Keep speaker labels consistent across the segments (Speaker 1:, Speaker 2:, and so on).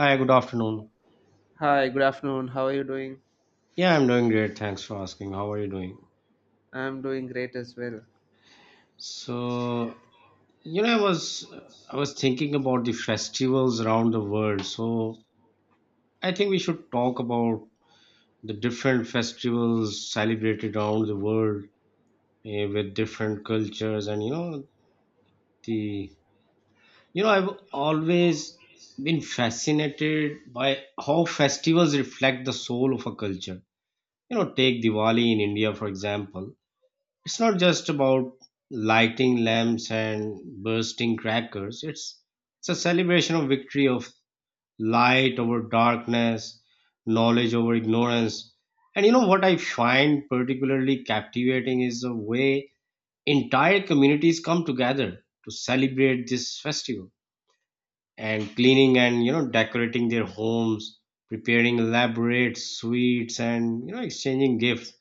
Speaker 1: Hi, good afternoon.
Speaker 2: Hi, good afternoon. How are you doing?
Speaker 1: Yeah, I'm doing great. Thanks for asking. How are you doing?
Speaker 2: I'm doing great as well.
Speaker 1: So, you know, I was I was thinking about the festivals around the world. So, I think we should talk about the different festivals celebrated around the world with different cultures and the I've always been fascinated by how festivals reflect the soul of a culture. You know, take Diwali in India, for example. It's not just about lighting lamps and bursting crackers. It's a celebration of victory of light over darkness, knowledge over ignorance. And you know what I find particularly captivating is the way entire communities come together to celebrate this festival, and cleaning and decorating their homes, preparing elaborate sweets and exchanging gifts.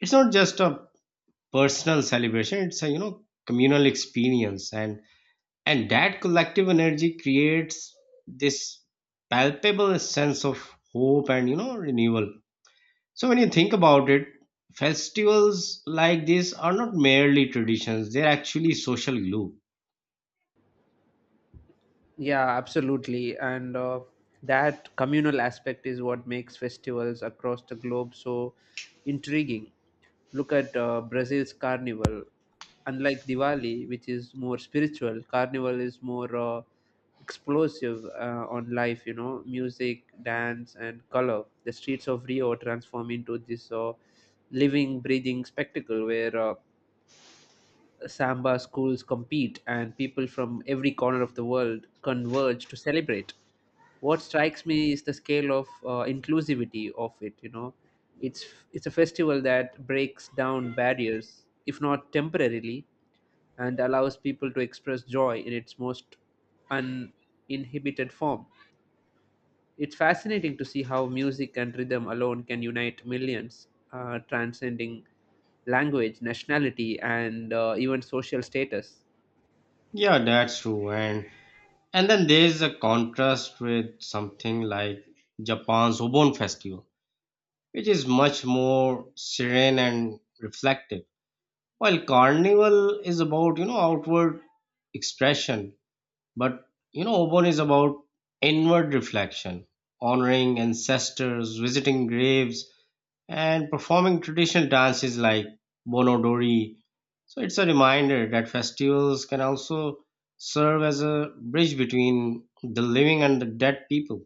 Speaker 1: It's not just a personal celebration, it's a communal experience, and that collective energy creates this palpable sense of hope and renewal. So when you think about it, festivals like this are not merely traditions, they're actually social glue.
Speaker 2: Yeah, absolutely. And that communal aspect is what makes festivals across the globe so intriguing. Look at Brazil's carnival. Unlike Diwali, which is more spiritual, carnival is more explosive on life, you know, music, dance, and color. The streets of Rio transform into this living, breathing spectacle where Samba schools compete, and people from every corner of the world converge to celebrate. What strikes me is the scale of inclusivity of it. You know, it's it's a festival that breaks down barriers, if not temporarily, and allows people to express joy in its most uninhibited form. It's fascinating to see how music and rhythm alone can unite millions, transcending language, nationality, and even social status.
Speaker 1: Yeah, that's true. And then there's a contrast with something like Japan's Obon festival, which is much more serene and reflective. While Carnival is about, you know, outward expression, Obon is about inward reflection, honoring ancestors, visiting graves, and performing traditional dances like Bonodori. So it's a reminder that festivals can also serve as a bridge between the living and the dead people,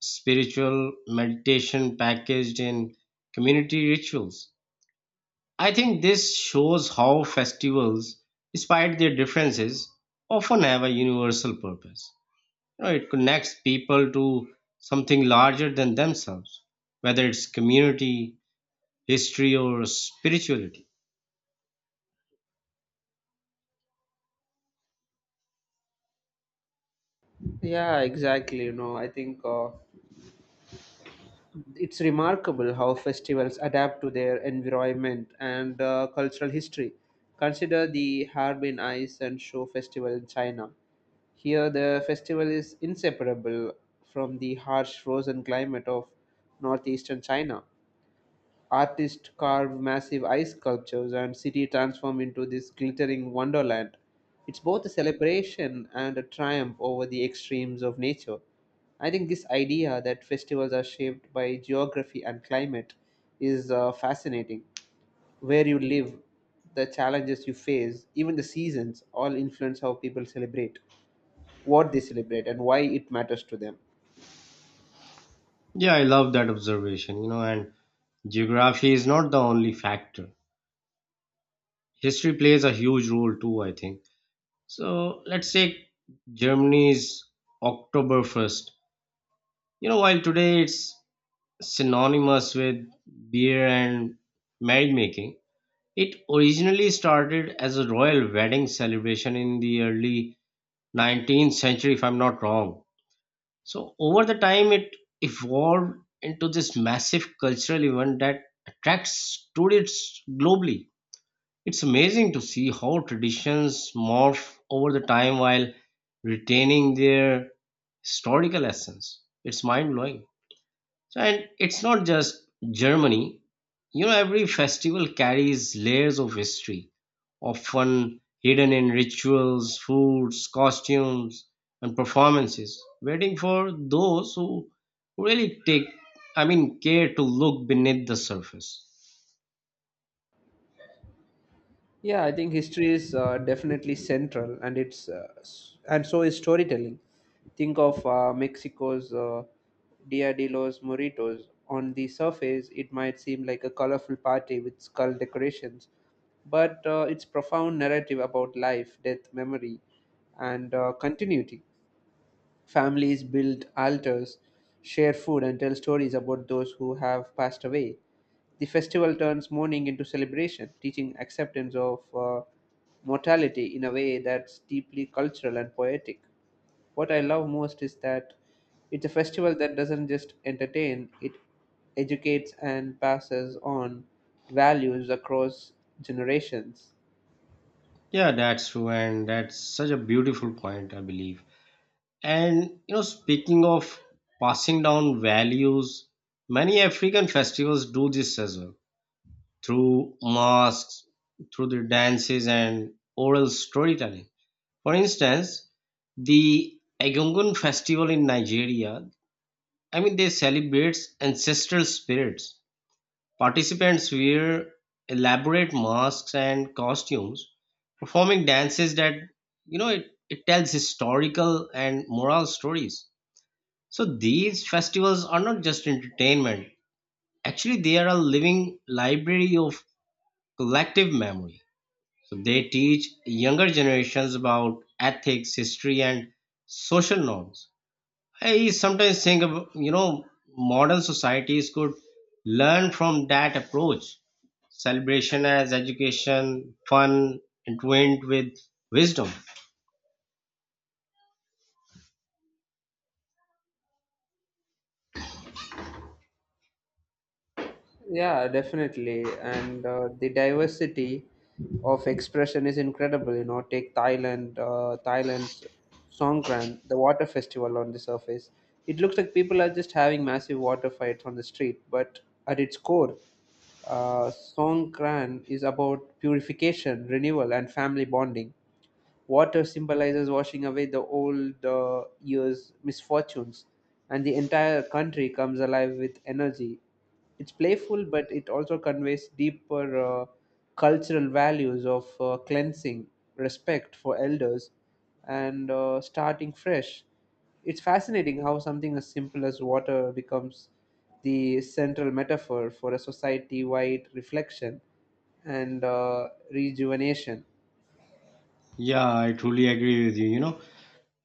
Speaker 1: spiritual meditation packaged in community rituals. I think this shows how festivals, despite their differences, often have a universal purpose. You know, it connects people to something larger than themselves, whether it's community, history, or spirituality.
Speaker 2: Yeah, exactly. You know, I think it's remarkable how festivals adapt to their environment and cultural history. Consider the Harbin Ice and Show Festival in China. Here, the festival is inseparable from the harsh frozen climate of northeastern China. Artists carve massive ice sculptures and city transform into this glittering wonderland. It's both a celebration and a triumph over the extremes of nature. I think this idea that festivals are shaped by geography and climate is fascinating. Where you live, the challenges you face, even the seasons all influence how people celebrate, what they celebrate, and why it matters to them.
Speaker 1: Yeah, I love that observation, you know, and geography is not the only factor. History plays a huge role too, I think. So let's take Germany's Oktoberfest. You know, while today it's synonymous with beer and marriage making, it originally started as a royal wedding celebration in the early 19th century, if I'm not wrong. So, over the time, it evolved into this massive cultural event that attracts tourists globally. It's amazing to see how traditions morph over the time while retaining their historical essence. It's mind blowing. So, and it's not just Germany. You know, every festival carries layers of history, often hidden in rituals, foods, costumes, and performances, waiting for those who really take, I mean, care to look beneath the surface.
Speaker 2: Yeah, I think history is definitely central, and and so is storytelling. Think of Mexico's Dia de los Moritos. On the surface, it might seem like a colorful party with skull decorations, but it's profound narrative about life, death, memory, and continuity. Families build altars, share food, and tell stories about those who have passed away. The festival turns mourning into celebration, teaching acceptance of mortality in a way that's deeply cultural and poetic. What I love most is that it's a festival that doesn't just entertain, it educates and passes on values across generations.
Speaker 1: Yeah, that's true, and that's such a beautiful point, I believe. And you know, speaking of passing down values, many African festivals do this as well through masks, through their dances and oral storytelling. For instance, the Egungun festival in Nigeria, I mean, they celebrates ancestral spirits. Participants wear elaborate masks and costumes, performing dances that, you know, it tells historical and moral stories. So these festivals are not just entertainment. Actually, they are a living library of collective memory. So they teach younger generations about ethics, history, and social norms. I sometimes think, you know, modern societies could learn from that approach. Celebration as education, fun, entwined with wisdom.
Speaker 2: Yeah, definitely. And the diversity of expression is incredible. You know, take Thailand's Songkran, the water festival on the surface. It looks like people are just having massive water fights on the street, but at its core, uh, Songkran is about purification, renewal, and family bonding. Water symbolizes washing away the old year's misfortunes, and the entire country comes alive with energy. It's playful, but it also conveys deeper cultural values of cleansing, respect for elders, and starting fresh. It's fascinating how something as simple as water becomes the central metaphor for a society wide reflection and rejuvenation.
Speaker 1: Yeah, I truly agree with you. You know,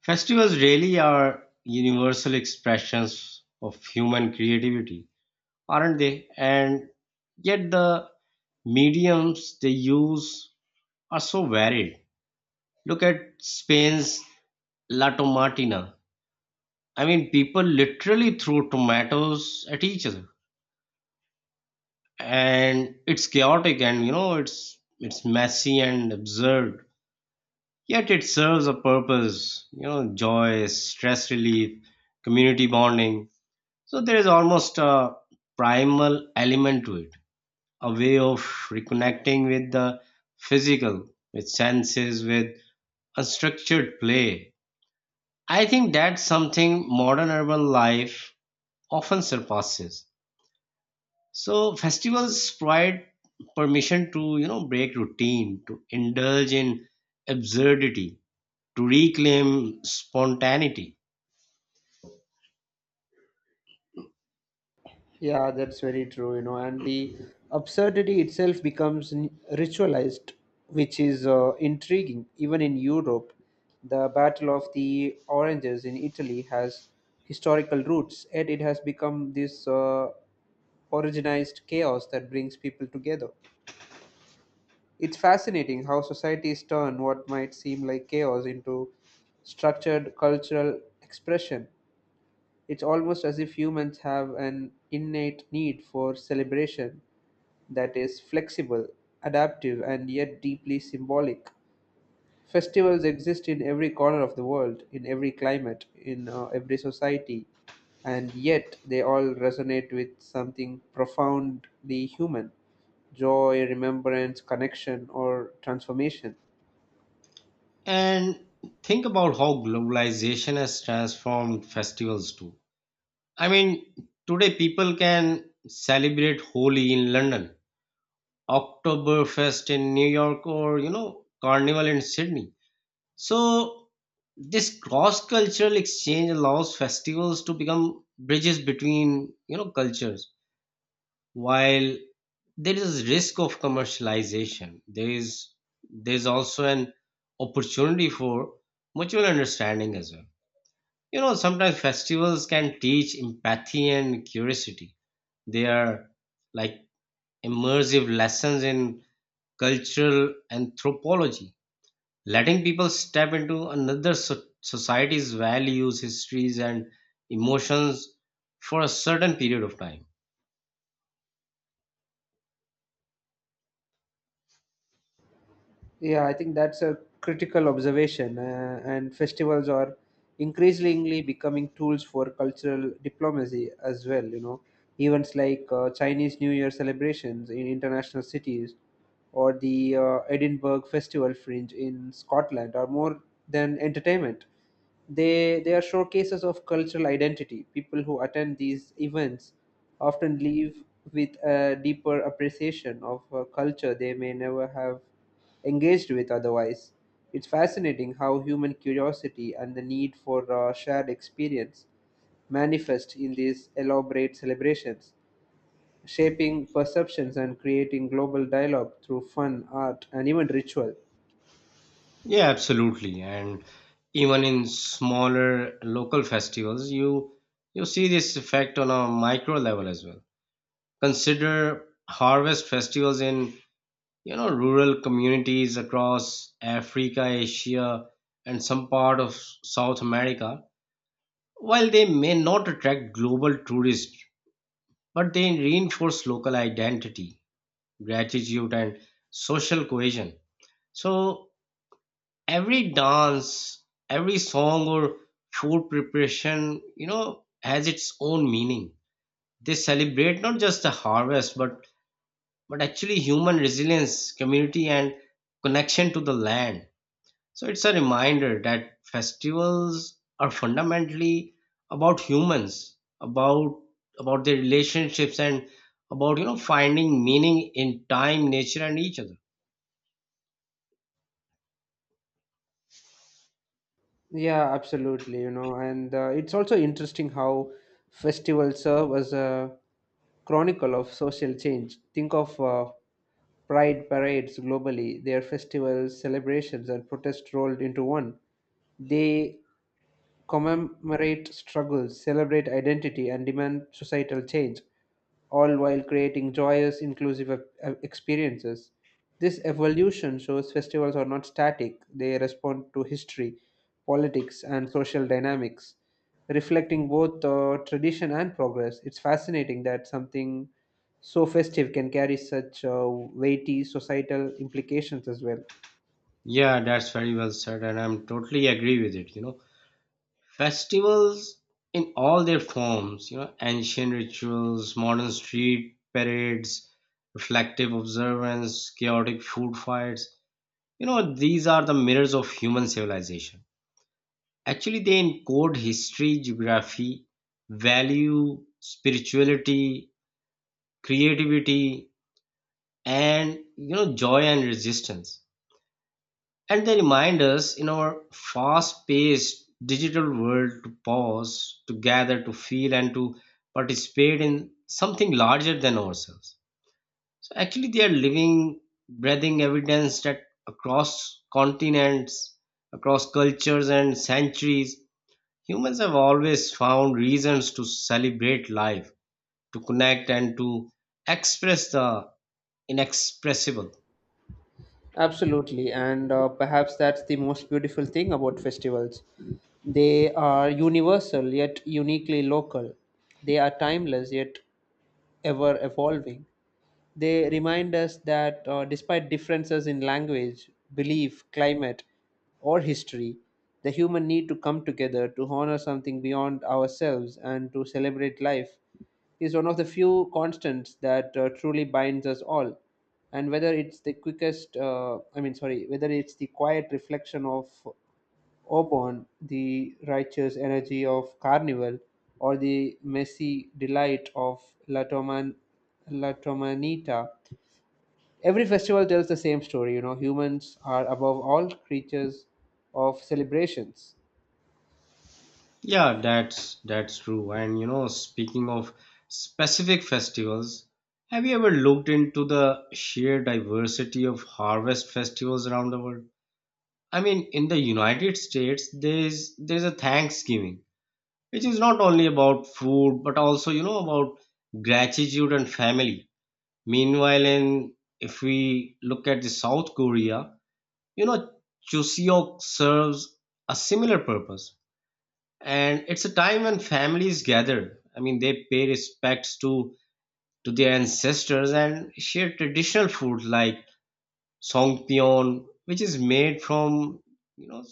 Speaker 1: festivals really are universal expressions of human creativity, aren't they? And yet the mediums they use are so varied. Look at Spain's La Tomatina. I mean, people literally threw tomatoes at each other, and it's chaotic, and you know, it's messy and absurd. Yet it serves a purpose, you know, joy, stress relief, community bonding. So there is almost a primal element to it, a way of reconnecting with the physical, with senses, with unstructured play. I think that's something modern urban life often surpasses. So festivals provide permission to break routine, to indulge in absurdity, to reclaim spontaneity.
Speaker 2: Yeah, that's very true, you know, and the absurdity itself becomes ritualized, which is intriguing. Even in Europe, the Battle of the Oranges in Italy has historical roots, yet it has become this originized chaos that brings people together. It's fascinating how societies turn what might seem like chaos into structured cultural expression. It's almost as if humans have an innate need for celebration that is flexible, adaptive, and yet deeply symbolic. Festivals exist in every corner of the world, in every climate, in every society, and yet they all resonate with something profoundly human joy, remembrance, connection, or transformation.
Speaker 1: And think about how globalization has transformed festivals too. I mean, today people can celebrate Holi in London, Oktoberfest in New York, or you know, Carnival in Sydney. So, this cross cultural exchange allows festivals to become bridges between cultures. While there is risk of commercialization, there's also an opportunity for mutual understanding as well. You know, sometimes festivals can teach empathy and curiosity. They are like immersive lessons in cultural anthropology, letting people step into society's values, histories, and emotions for a certain period of time.
Speaker 2: Yeah, I think that's a critical observation, and festivals are increasingly becoming tools for cultural diplomacy as well. You know, events like Chinese New Year celebrations in international cities or the Edinburgh Festival Fringe in Scotland are more than entertainment. They are showcases of cultural identity. People who attend these events often leave with a deeper appreciation of a culture they may never have engaged with otherwise. It's fascinating how human curiosity and the need for shared experience manifest in these elaborate celebrations, shaping perceptions and creating global dialogue through fun, art, and even ritual.
Speaker 1: Yeah, absolutely. And even in smaller local festivals, you see this effect on a micro level as well. Consider harvest festivals in rural communities across Africa, Asia, and some part of South America. While they may not attract global tourists, but they reinforce local identity, gratitude, and social cohesion. So every dance, every song, or food preparation, you know, has its own meaning. They celebrate not just the harvest, but actually human resilience, community, and connection to the land. So it's a reminder that festivals are fundamentally about humans, about their relationships and about finding meaning in time, nature and each other.
Speaker 2: Yeah, absolutely. You know, and It's also interesting how festivals serve as a chronicle of social change. Think of pride parades globally, their festivals, celebrations, and protests rolled into one. They commemorate struggles, celebrate identity, and demand societal change, all while creating joyous, inclusive experiences. This evolution shows festivals are not static, they respond to history, politics, and social dynamics, reflecting both tradition and progress. It's fascinating that something so festive can carry such weighty societal implications as well.
Speaker 1: Yeah, that's very well said and I'm totally agree with it, you know. Festivals in all their forms, you know, ancient rituals, modern street parades, reflective observance, chaotic food fights, you know, these are the mirrors of human civilization. Actually, they encode history, geography, value, spirituality, creativity, and you know joy and resistance. And they remind us in our fast-paced digital world to pause, to gather, to feel, and to participate in something larger than ourselves. So actually, they are living, breathing evidence that across continents, across cultures and centuries, humans have always found reasons to celebrate life, to connect and to express the inexpressible.
Speaker 2: Absolutely, and perhaps that's the most beautiful thing about festivals. They are universal yet uniquely local. They are timeless yet ever evolving. They remind us that despite differences in language, belief, climate, or history, the human need to come together to honor something beyond ourselves and to celebrate life is one of the few constants that truly binds us all. And whether it's the quickest, I mean, sorry, whether it's the quiet reflection of Obon, the righteous energy of Carnival, or the messy delight of Latoman, Latomanita. Every festival tells the same story, you know, humans are above all creatures of celebrations.
Speaker 1: Yeah, that's true. And you know, speaking of specific festivals, have you ever looked into the sheer diversity of harvest festivals around the world? I mean, in the United States, there's a Thanksgiving, which is not only about food, but also, you know, about gratitude and family. Meanwhile, and if we look at the South Korea, you know, Chuseok serves a similar purpose, and it's a time when families gather. I mean, they pay respects to their ancestors and share traditional food like songpyeon, which is made from you know,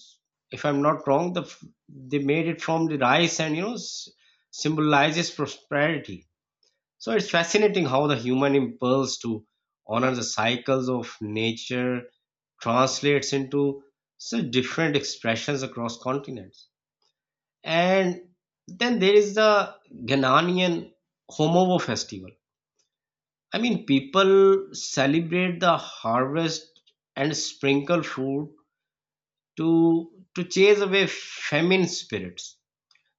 Speaker 1: if I'm not wrong, they made it from the rice and symbolizes prosperity. So it's fascinating how the human impulse to honor the cycles of nature translates into such different expressions across continents. And then there is the Ghanaian Homowo festival. I mean, people celebrate the harvest and sprinkle food to to chase away famine spirits.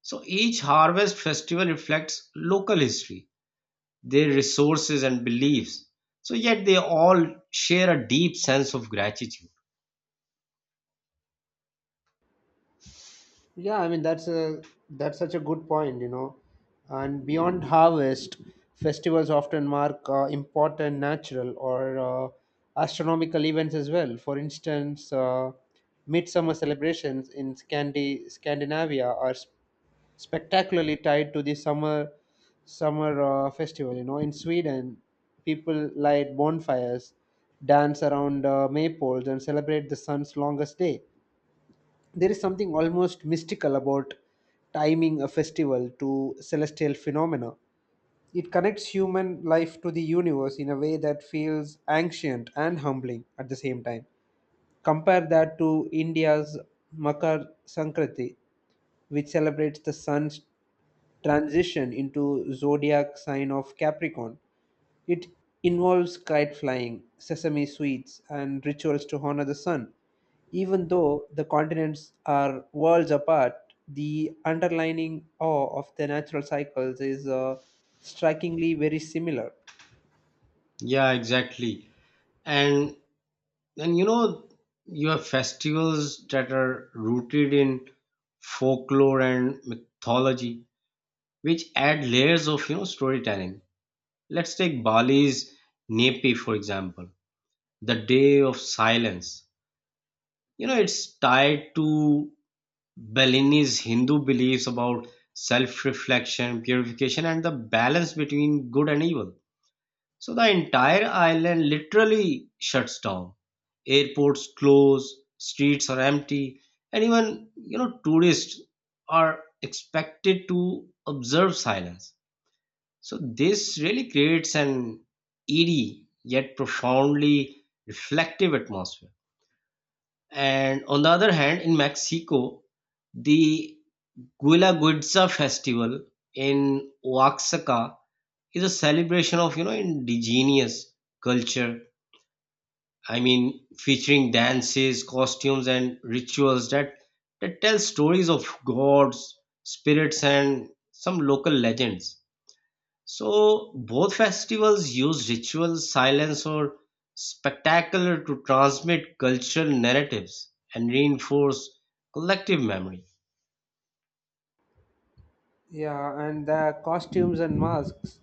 Speaker 1: So each harvest festival reflects local history, their resources and beliefs. So, yet they all share a deep sense of gratitude.
Speaker 2: Yeah, that's such a good point, you know. And beyond harvest, festivals often mark important natural or astronomical events as well. For instance, midsummer celebrations in Scandinavia are spectacularly tied to the summer festival. You know, in Sweden, people light bonfires, dance around maypoles, and celebrate the sun's longest day. There is something almost mystical about timing a festival to celestial phenomena. It connects human life to the universe in a way that feels ancient and humbling at the same time. Compare that to India's Makar Sankranti, which celebrates the sun's transition into zodiac sign of Capricorn. It involves kite flying, sesame sweets, and rituals to honor the sun. Even though the continents are worlds apart, the underlining awe of the natural cycles is strikingly very similar.
Speaker 1: Yeah, exactly. And and you know, you have festivals that are rooted in folklore and mythology, which add layers of storytelling. Let's take Bali's Nepi, for example, the Day of Silence. You know, it's tied to Balinese Hindu beliefs about self-reflection, purification, and the balance between good and evil. So the entire island literally shuts down. Airports close, streets are empty, and even you know tourists are expected to observe silence. So this really creates an eerie yet profoundly reflective atmosphere. And on the other hand, in Mexico, the Guelaguetza festival in Oaxaca is a celebration of indigenous culture. I mean, featuring dances, costumes, and rituals that tell stories of gods, spirits, and some local legends. So both festivals use rituals, silence, or spectacular to transmit cultural narratives and reinforce collective memory.
Speaker 2: Yeah, and the costumes and masks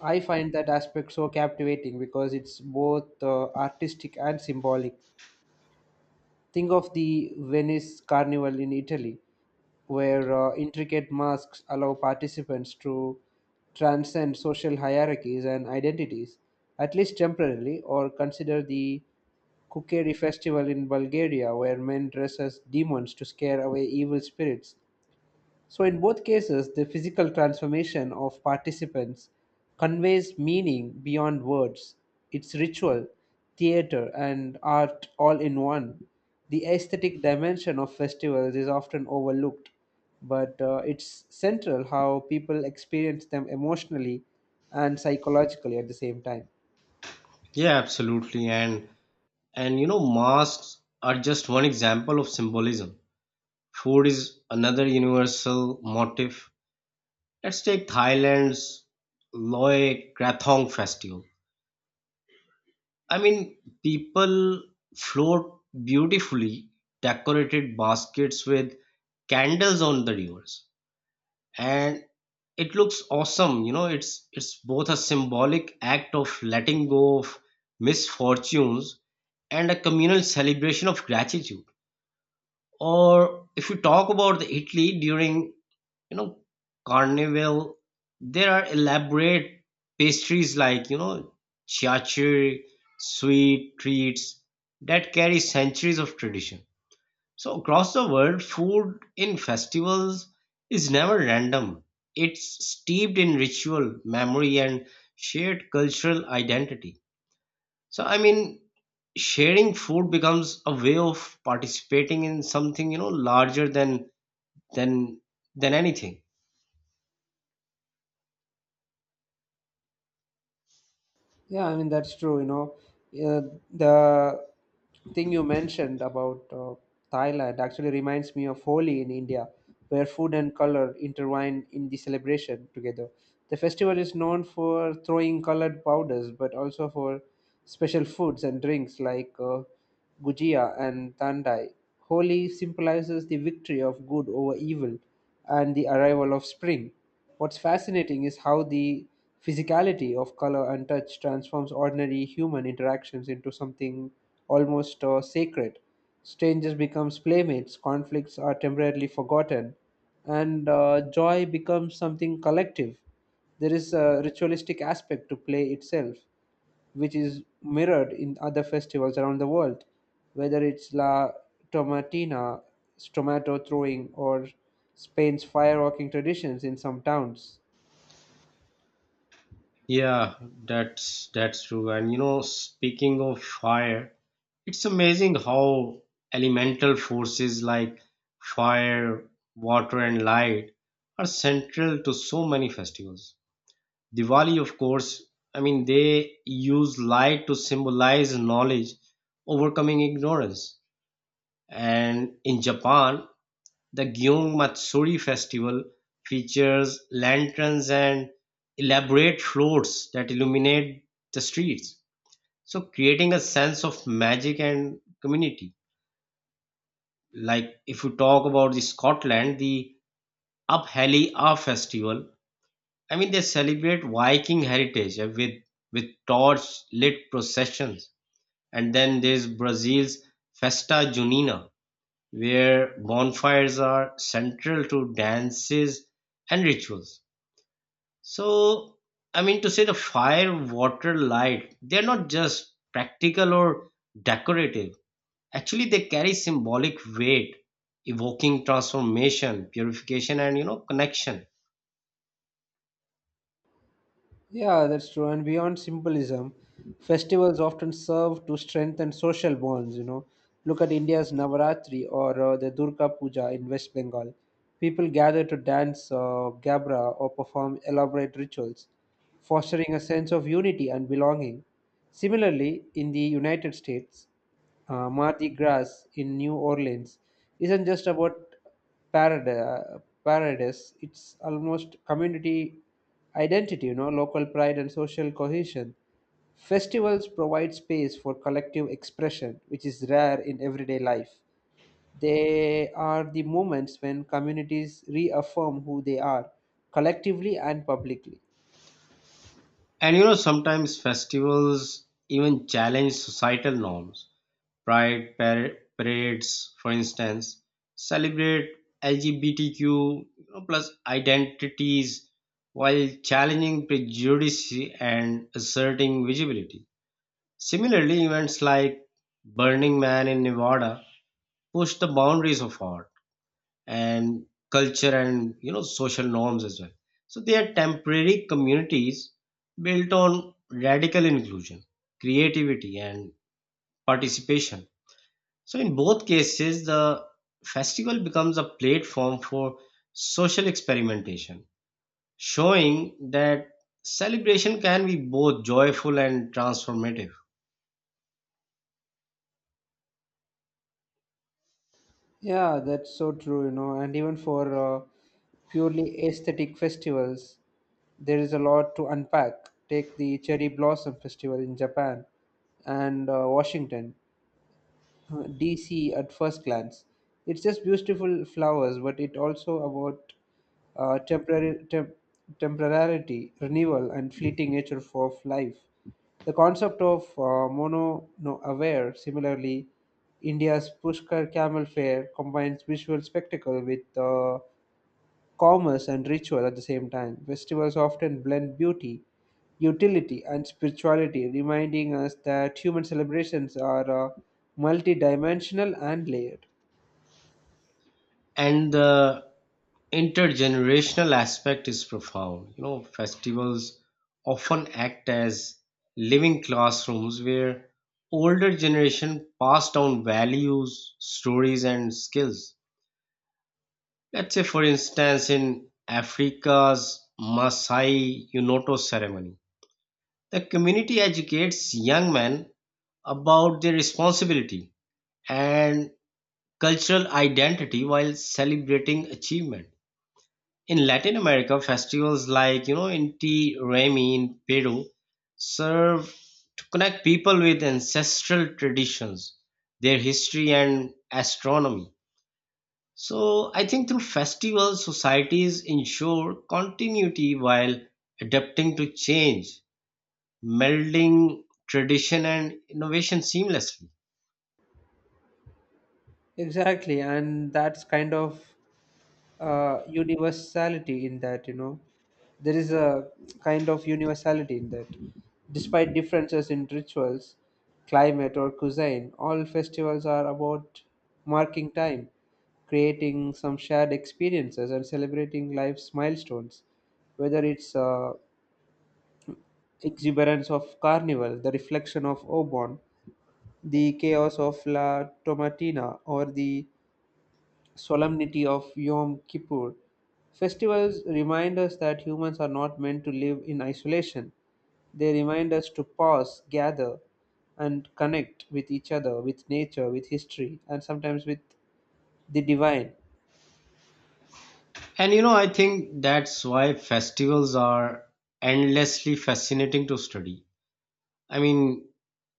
Speaker 2: I find that aspect so captivating because it's both artistic and symbolic. Think of the Venice Carnival in Italy, where intricate masks allow participants to transcend social hierarchies and identities, at least temporarily, or consider the Kukeri festival in Bulgaria, where men dress as demons to scare away evil spirits, so, in both cases, the physical transformation of participants conveys meaning beyond words. It's ritual, theater, and art all in one. The aesthetic dimension of festivals is often overlooked, but it's central how people experience them emotionally and psychologically at the same time.
Speaker 1: Yeah, absolutely, and you know, masks are just one example of symbolism. Food is another universal motif. Let's take Thailand's Loe Krathong festival. I mean, people float beautifully decorated baskets with candles on the rivers, and it looks awesome. You know, it's both a symbolic act of letting go of misfortunes and a communal celebration of gratitude. Or if you talk about the Italy during, you know, Carnival, there are elaborate pastries like, you know, chiacheri, sweet treats that carry centuries of tradition. So across the world, food in festivals is never random. It's steeped in ritual, memory, and shared cultural identity. So I mean, sharing food becomes a way of participating in something you know larger than than than anything.
Speaker 2: Yeah, that's true. The thing you mentioned about Thailand actually reminds me of Holi in India, where food and color intertwine in the celebration together. The festival is known for throwing colored powders, but also for special foods and drinks like gujia and tandai. Holi symbolizes the victory of good over evil and the arrival of spring. What's fascinating is how the physicality of color and touch transforms ordinary human interactions into something almost sacred. Strangers becomes playmates, conflicts are temporarily forgotten, and joy becomes something collective. There is a ritualistic aspect to play itself, which is mirrored in other festivals around the world, whether it's La Tomatina, tomato throwing, or Spain's firewalking traditions in some towns.
Speaker 1: Yeah, that's that's true. And you know, speaking of fire, it's amazing how elemental forces like fire, water, and light are central to so many festivals. Diwali, of course, I mean, they use light to symbolize knowledge, overcoming ignorance. And in Japan, the Gyung Matsuri festival features lanterns and elaborate floats that illuminate the streets, so creating a sense of magic and community. Like if you talk about the Scotland, the Upheli A festival, I mean they celebrate Viking heritage with torch lit processions. And then there's Brazil's Festa Junina, where bonfires are central to dances and rituals. So, I mean to say the fire, water, light, they're not just practical or decorative. Actually, they carry symbolic weight, evoking transformation, purification, and you know, connection.
Speaker 2: Yeah, that's true. And beyond symbolism, festivals often serve to strengthen social bonds. You know, look at India's Navaratri or the Durga Puja in West Bengal. People gather to dance gabra or perform elaborate rituals, fostering a sense of unity and belonging. Similarly, in the United States, Mardi Gras in New Orleans isn't just about parad- paradise. It's almost community identity, you know, local pride and social cohesion. Festivals provide space for collective expression, which is rare in everyday life. They are the moments when communities reaffirm who they are, collectively and publicly.
Speaker 1: And you know, sometimes festivals even challenge societal norms. Pride par- Parades, for instance, celebrate LGBTQ you know, plus identities while challenging prejudice and asserting visibility. Similarly, events like Burning Man in Nevada pushed the boundaries of art and culture and you know social norms as well. So they are temporary communities built on radical inclusion, creativity and participation. So in both cases the festival becomes a platform for social experimentation, showing that celebration can be both joyful and transformative.
Speaker 2: Yeah, that's so true, you know, and even for purely aesthetic festivals, there is a lot to unpack. Take the Cherry Blossom Festival in Japan and Washington DC at first glance. It's just beautiful flowers, but it also about uh, temporary tem- temporarity, renewal, and fleeting nature of life. The concept of mono no aware, similarly, India's Pushkar Camel Fair combines visual spectacle with commerce and ritual at the same time. Festivals often blend beauty, utility, and spirituality, reminding us that human celebrations are multidimensional and layered.
Speaker 1: And the intergenerational aspect is profound. You know, festivals often act as living classrooms where older generation pass down values, stories, and skills. Let's say, for instance, in Africa's Maasai Unoto ceremony, the community educates young men about their responsibility and cultural identity while celebrating achievement. In Latin America, festivals like, you know, Inti Raymi in Peru serve to connect people with ancestral traditions, their history, and astronomy. So, I think through festivals, societies ensure continuity while adapting to change, melding tradition and innovation seamlessly.
Speaker 2: Exactly, and that's kind of universality in that, you know. There is a kind of universality in that. Despite differences in rituals, climate, or cuisine, all festivals are about marking time, creating some shared experiences, and celebrating life's milestones. Whether it's exuberance of carnival, the reflection of Obon, the chaos of La Tomatina, or the solemnity of Yom Kippur. Festivals remind us that humans are not meant to live in isolation. They remind us to pause, gather, and connect with each other, with nature, with history, and sometimes with the divine.
Speaker 1: And, you know, I think that's why festivals are endlessly fascinating to study, I mean,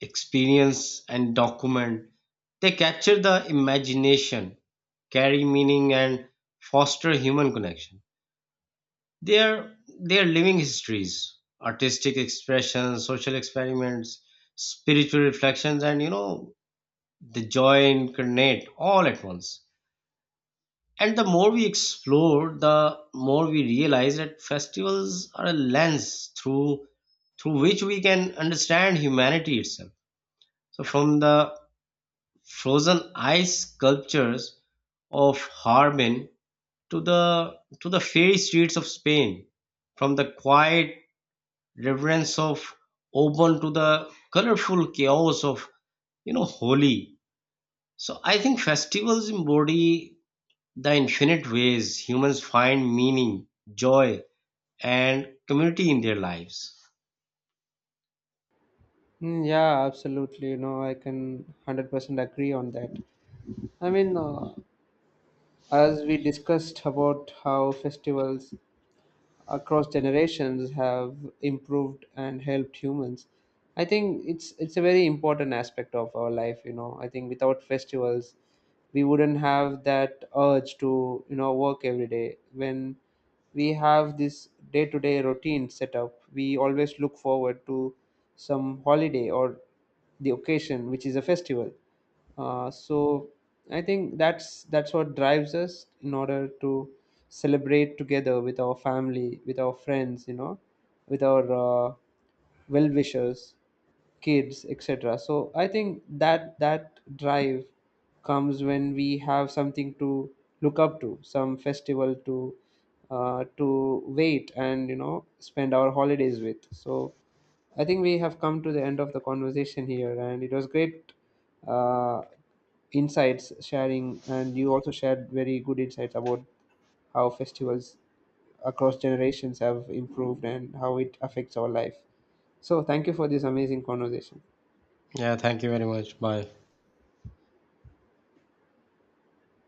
Speaker 1: experience and document. They capture the imagination, carry meaning, and foster human connection. They are living histories, artistic expressions, social experiments, spiritual reflections, and you know the joy incarnate all at once. And the more we explore, the more we realize that festivals are a lens through which we can understand humanity itself. So from the frozen ice sculptures of Harmen to the to the fairy streets of Spain, from the quiet reverence of Oban to the colorful chaos of you know Holi. So I think festivals embody the infinite ways humans find meaning, joy, and community in their lives.
Speaker 2: Mm, yeah, absolutely. You know, I can 100% agree on that. I mean, uh, as we discussed about how festivals across generations have improved and helped humans, I think it's a very important aspect of our life. You know, I think without festivals we wouldn't have that urge to, you know, work every day. When we have this day to day routine set up, we always look forward to some holiday or the occasion which is a festival. So I think that's what drives us in order to celebrate together with our family, with our friends, you know, with our well-wishers, kids, etc. So I think that that drive comes when we have something to look up to, some festival to wait and, you know, spend our holidays with. So I think we have come to the end of the conversation here, and it was great uh, insights sharing, and you also shared very good insights about how festivals across generations have improved and how it affects our life. So, thank you for this amazing conversation.
Speaker 1: Yeah, thank you very much. Bye.